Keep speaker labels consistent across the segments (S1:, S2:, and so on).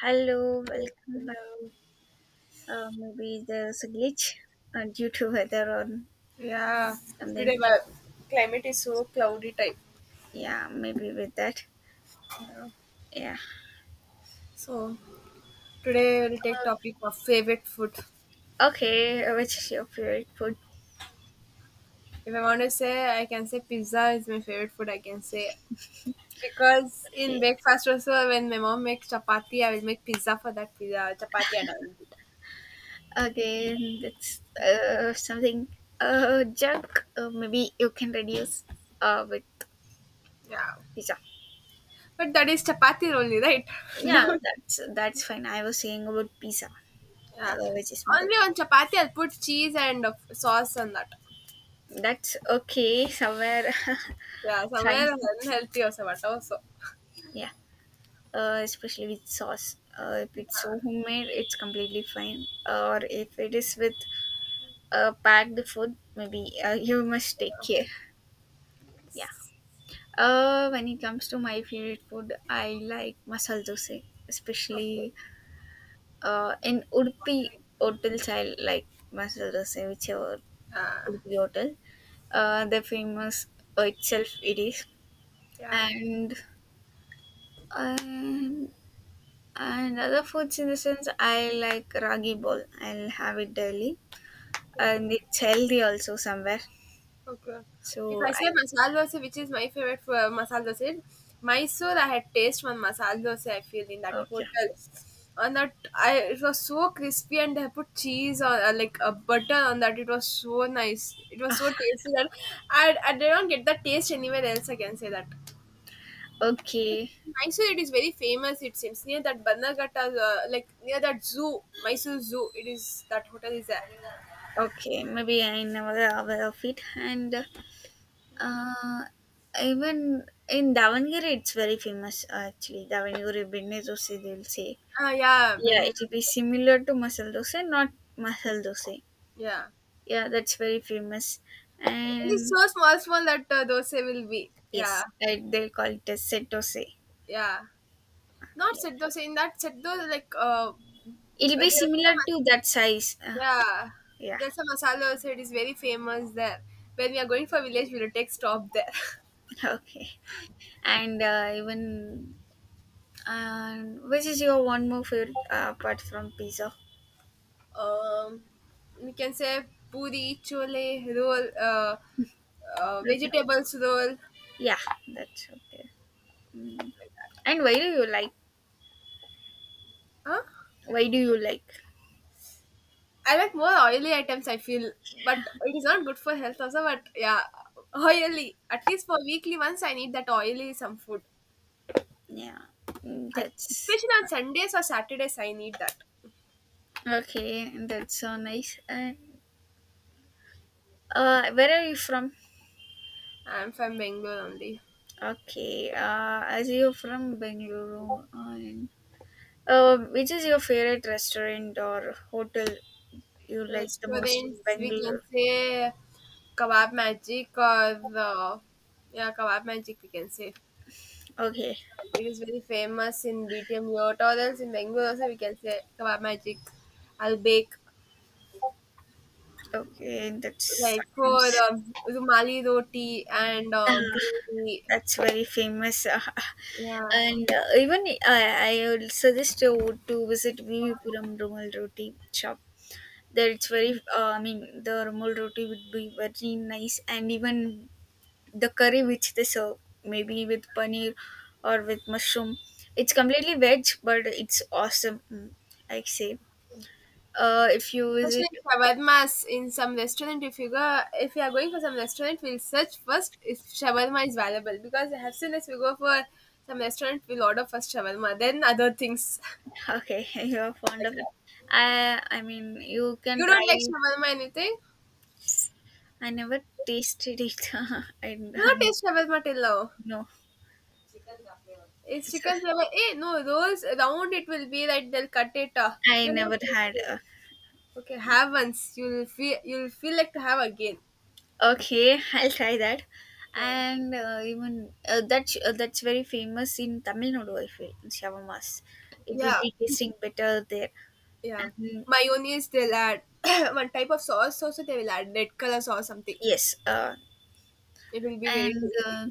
S1: Hello, welcome back.
S2: Hello.
S1: Maybe there's a glitch due to weather or
S2: Yeah, today
S1: something.
S2: my climate is so cloudy type.
S1: Yeah, maybe with that.
S2: Yeah.
S1: Yeah.
S2: So today we'll take topic of favorite food.
S1: Okay, which is your favorite food?
S2: If I want to say, I can say pizza is my favorite food. I can say because in
S1: Okay.
S2: breakfast also when my mom makes chapati, I will make pizza for that pizza chapati and I will eat.
S1: Again, that's something junk. Maybe you can reduce with
S2: Yeah,
S1: pizza.
S2: but that is chapati only, right?
S1: Yeah,
S2: No.
S1: that's fine. I was saying about pizza,
S2: Yeah,
S1: which is made of.
S2: only on chapati I'll put cheese and sauce on that.
S1: That's okay. Somewhere
S2: Yeah,
S1: fine.
S2: somewhere unhealthy or somewhat also.
S1: Yeah. Especially with sauce. If it's so homemade, it's completely fine. Or if it is with packed food, maybe you must take
S2: Yeah.
S1: care. Yeah. When it comes to my favorite food, I like masala dosa,
S2: Okay.
S1: especially in Udupi hotels. I like masala dosa, whichever
S2: Uh,
S1: Udupi hotel. The famous itself it is,
S2: yeah.
S1: and. Um, And other foods in the sense I like ragi bowl. I'll have it daily.
S2: Yeah.
S1: And it's healthy also somewhere.
S2: Okay. If
S1: So
S2: I
S1: I
S2: say masala dosa, which is my favorite for masala dosa, is Mysore, I had taste one masala dosa. I feel in that
S1: okay.
S2: hotel, and that I it was so crispy, and they put cheese or like a butter on that. It was so nice. It was so tasty that I did not get that taste anywhere else. I can say that.
S1: Okay.
S2: Mysore, it is very famous. It seems near that Bannerghatta, like near that zoo, Mysore Zoo. It is that hotel is there.
S1: Okay. Maybe I never aware of it. And uh even in Davangere it's very famous actually. Davangere Binne dosa. They'll say.
S2: Ah, yeah,
S1: Yeah,
S2: Benin.
S1: it will be similar to masala dosa, not masala dosa.
S2: Yeah,
S1: Yeah, that's very famous.
S2: it's
S1: And
S2: so small, small that dosa will be. Yeah,
S1: yes, I, they'll call it as set dosa.
S2: yeah. Not
S1: Yeah.
S2: set dosa. In that set dosa, like
S1: It'll
S2: there's
S1: be similar
S2: a
S1: to that size
S2: yeah,
S1: yeah,
S2: there's a masala dosa. It is very famous there. When we are going for village, we'll take stop there.
S1: okay and even uh, which is your one more favorite apart from pizza,
S2: um, we can say puri, chole, roll,
S1: okay,
S2: vegetables roll.
S1: yeah, that's okay. Mm. And why do you like,
S2: Huh?
S1: why do you like,
S2: I like more oily items, I feel, but it is not good for health also. But yeah, oily. At least for weekly once, I need that oily some food.
S1: yeah. Mm,
S2: At,
S1: that's
S2: especially on Sundays or Saturdays, I need that.
S1: okay, that's so nice. And where are you from?
S2: I'm from Bangalore only.
S1: Okay, as you're from bengaluru and which is your favorite restaurant or hotel you like the most
S2: Restaurants,
S1: in
S2: we can
S1: Bangalore.
S2: say Kebab Magic or yeah, Kebab Magic, we can say.
S1: Okay,
S2: It is very famous in BTM Yacht or else in Bangalore also, we can say Kebab Magic, I'll bake.
S1: okay, that
S2: Like for
S1: sounds.
S2: the Rumali roti and
S1: Ah,
S2: gravy.
S1: that's very famous. Ah,
S2: Yeah,
S1: and even I would suggest you to visit Vivipuram Rumal Roti shop. There it's very, I mean, the Rumal Roti would be very nice, and even the curry which they serve, maybe with paneer or with mushroom, it's completely veg, but it's awesome. Mm, I say, if you
S2: especially
S1: visit.
S2: shawarmas in some restaurant. If you go, if you are going for some restaurant, we'll search first if shawarma is available because as soon as we go for some restaurant, we'll order first shawarma, then other things.
S1: Okay, you're fond
S2: Like,
S1: of it. I mean, you can
S2: you don't like
S1: try.
S2: shawarma anything,
S1: I never tasted it. I
S2: you not
S1: mean,
S2: taste shawarma till now.
S1: no,
S2: It's
S1: it's a,
S2: chicken flavor. Eh, no, rolls round it will be like they'll cut it.
S1: I
S2: You know,
S1: never had.
S2: like,
S1: A,
S2: okay, have once. You'll feel like to have again.
S1: okay, I'll try that.
S2: Yeah.
S1: And even that's very famous in Tamil Nadu. I feel shawarmas. It would
S2: Yeah,
S1: be tasting better there.
S2: yeah.
S1: And
S2: Mayonnaise, they'll add one type of sauce also, they will add red color sauce something.
S1: yes,
S2: It will be very
S1: and
S2: tasty.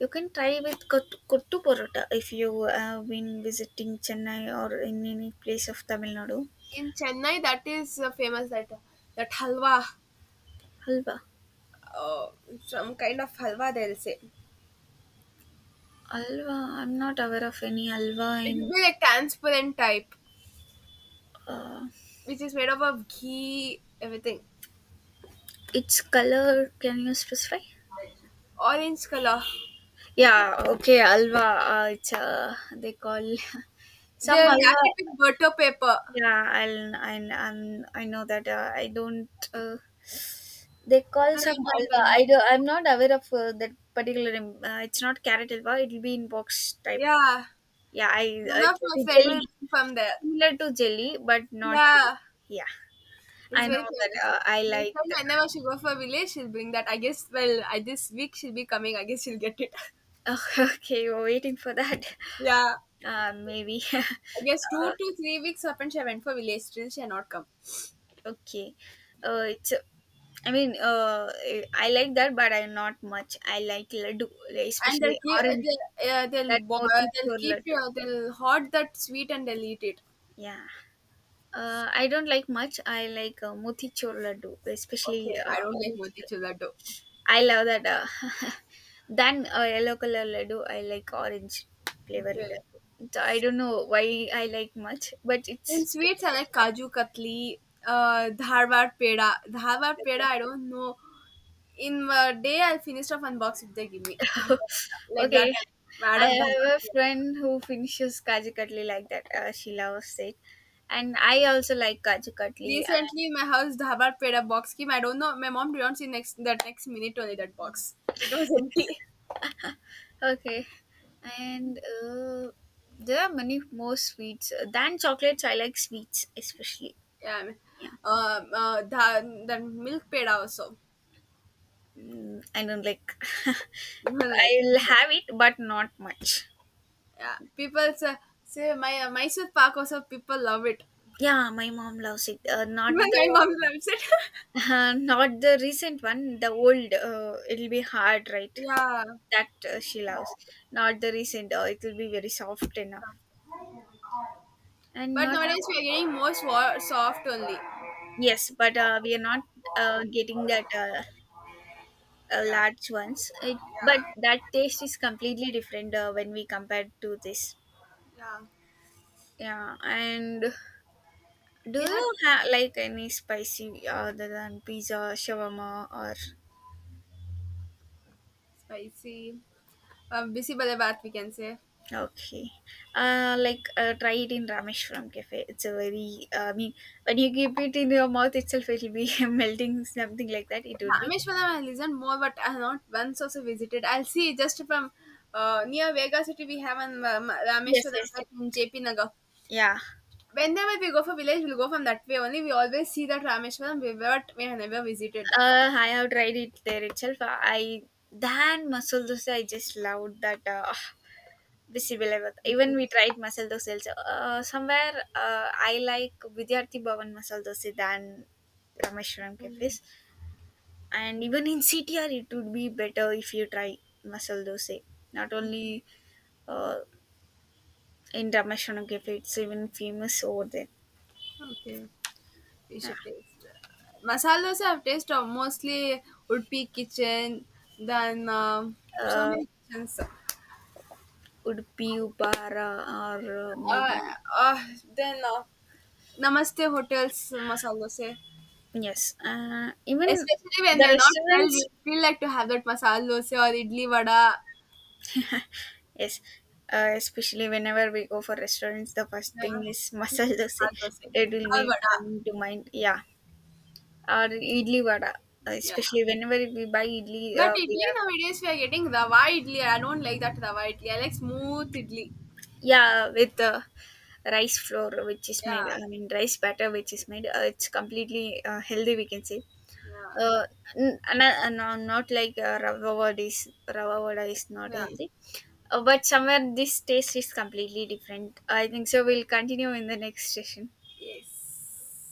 S1: you can try with kottu porota if you have been visiting Chennai or in any place of Tamil Nadu.
S2: In Chennai, that is famous that that halwa,
S1: Halwa.
S2: uh, some kind of halwa they'll say.
S1: Alva. I'm not aware of any alva
S2: It will
S1: in
S2: be like transparent type,
S1: uh,
S2: which is made up of ghee, everything.
S1: its color. Can you specify?
S2: Orange color.
S1: Yeah, okay, Alva. It's they call some
S2: They'll
S1: alva.
S2: wrap it with butter paper.
S1: Yeah, I'm, I know that. I don't. They call
S2: Then
S1: some
S2: I'm trying to
S1: alva. I do.
S2: remember.
S1: I'm not aware of that particular name. It's not carrot alva. It'll be in box type.
S2: Yeah,
S1: Yeah, I.
S2: one
S1: It
S2: of
S1: will
S2: my
S1: be
S2: friend
S1: jelly,
S2: will be from there.
S1: similar to jelly, but not. Jelly.
S2: Yeah,
S1: Yeah,
S2: he's
S1: I
S2: very
S1: know that.
S2: famous.
S1: I
S2: My
S1: like.
S2: friend, whenever she go for a village, she'll bring that. I guess, well, I this week she'll be coming. I guess she'll get it.
S1: Oh, okay, we're waiting for that.
S2: Yeah.
S1: Maybe.
S2: I guess 2 to 3 weeks up and she went for village. Still, she had not come.
S1: okay. It's. I mean, I like that, but I not much. I like laddu, like,
S2: And they'll
S1: especially
S2: keep,
S1: orange. That
S2: they'll
S1: motichur
S2: keep,
S1: laddu.
S2: they'll hoard that sweet and they'll eat it.
S1: Yeah. I don't like much. I like motichur laddu,
S2: Okay,
S1: especially
S2: I don't like
S1: orange.
S2: motichur laddu.
S1: I love that. Than yellow color laddu, I like orange flavor
S2: Okay.
S1: laddu. So I don't know why I like much, but
S2: In
S1: it's.
S2: sweets, I like kaju katli, dharwad peda. Dharwad peda, I don't know. In a day, I finished off unboxing they give me. Like that,
S1: Okay.
S2: I'm mad
S1: I
S2: of
S1: have a
S2: dhaba.
S1: friend who finishes Kaju Katli like that. She loves it. And I also like Kaju Katli.
S2: Recently, my house dhaba peda box came. I don't know. My mom didn't see next that next minute only that box. It was empty.
S1: Okay. And there are many more sweets. Than chocolates, I like sweets especially.
S2: Yeah, I mean,
S1: Yeah.
S2: the milk peda also.
S1: Mm, I don't like.
S2: Like,
S1: I'll have it, but not much.
S2: yeah, people say, say my Mysore Pak also people love it.
S1: Yeah, my mom loves it.
S2: Even
S1: Not
S2: my
S1: the.
S2: mom loves it.
S1: not the recent one, the old. It'll be hard, right?
S2: Yeah,
S1: That she loves not the recent, it will be very soft enough and
S2: but
S1: not a,
S2: nowadays we are getting more soft only.
S1: yes but we are not getting that
S2: Yeah,
S1: large ones it, but that taste is completely different when we compare to this.
S2: yeah.
S1: Yeah, and do
S2: We had
S1: you have like any spicy other than pizza shawarma or
S2: spicy. Bisi bale baat we can say.
S1: okay, like, try it in rameshwaram cafe, it's a very, I mean, when you keep it in your mouth itself it'll be melting something like that it would be.
S2: Rameshwaram I listened more, but I have not once also visited. I'll see just from near Vega City we have an
S1: Yes,
S2: Rameshwaram
S1: yes.
S2: right in JP Nagar.
S1: Yeah.
S2: Whenever we go for village, we'll go from that way only. We always see that Rameshwaram, but we have never visited that.
S1: I have tried it there itself. I than masala dosa, I just loved that. Visible even we tried masala dosa also. Somewhere I like Vidyarthi Bhavan masala dosa than Rameshwaram cafes. And even in CTR, it would be better if you try masala dosa. Not only uh, in Rameshwaram cafe, it's even famous over there.
S2: Okay, we should taste. Masala dosa I've tasted of mostly Udpi kitchen, then um so
S1: Uh,
S2: many kitchens.
S1: would be Upara or
S2: Uh,
S1: maybe
S2: uh, then Namaste hotels masala dosa.
S1: yes, even
S2: Especially when we
S1: the
S2: are not well, we
S1: restaurants.
S2: feel like to have that masala dosa or idli vada.
S1: Yes, especially whenever we go for restaurants, the first
S2: Yeah,
S1: thing is masala dosa.
S2: masala dosa
S1: It will
S2: or
S1: be
S2: vada.
S1: coming to mind. Yeah, or idli vada.
S2: Yeah.
S1: Especially whenever we buy idli,
S2: But
S1: we
S2: idli
S1: have
S2: nowadays we are getting rava idli. I don't like that rava idli. I like smooth idli.
S1: yeah with the rice flour which is made.
S2: Yeah.
S1: I mean rice batter which is made. It's completely healthy. We can say.
S2: Yeah.
S1: Uh, not like rava vada is not
S2: Yeah.
S1: healthy. But somewhere this taste is completely different. I think so. We'll continue in the next session.
S2: Yes.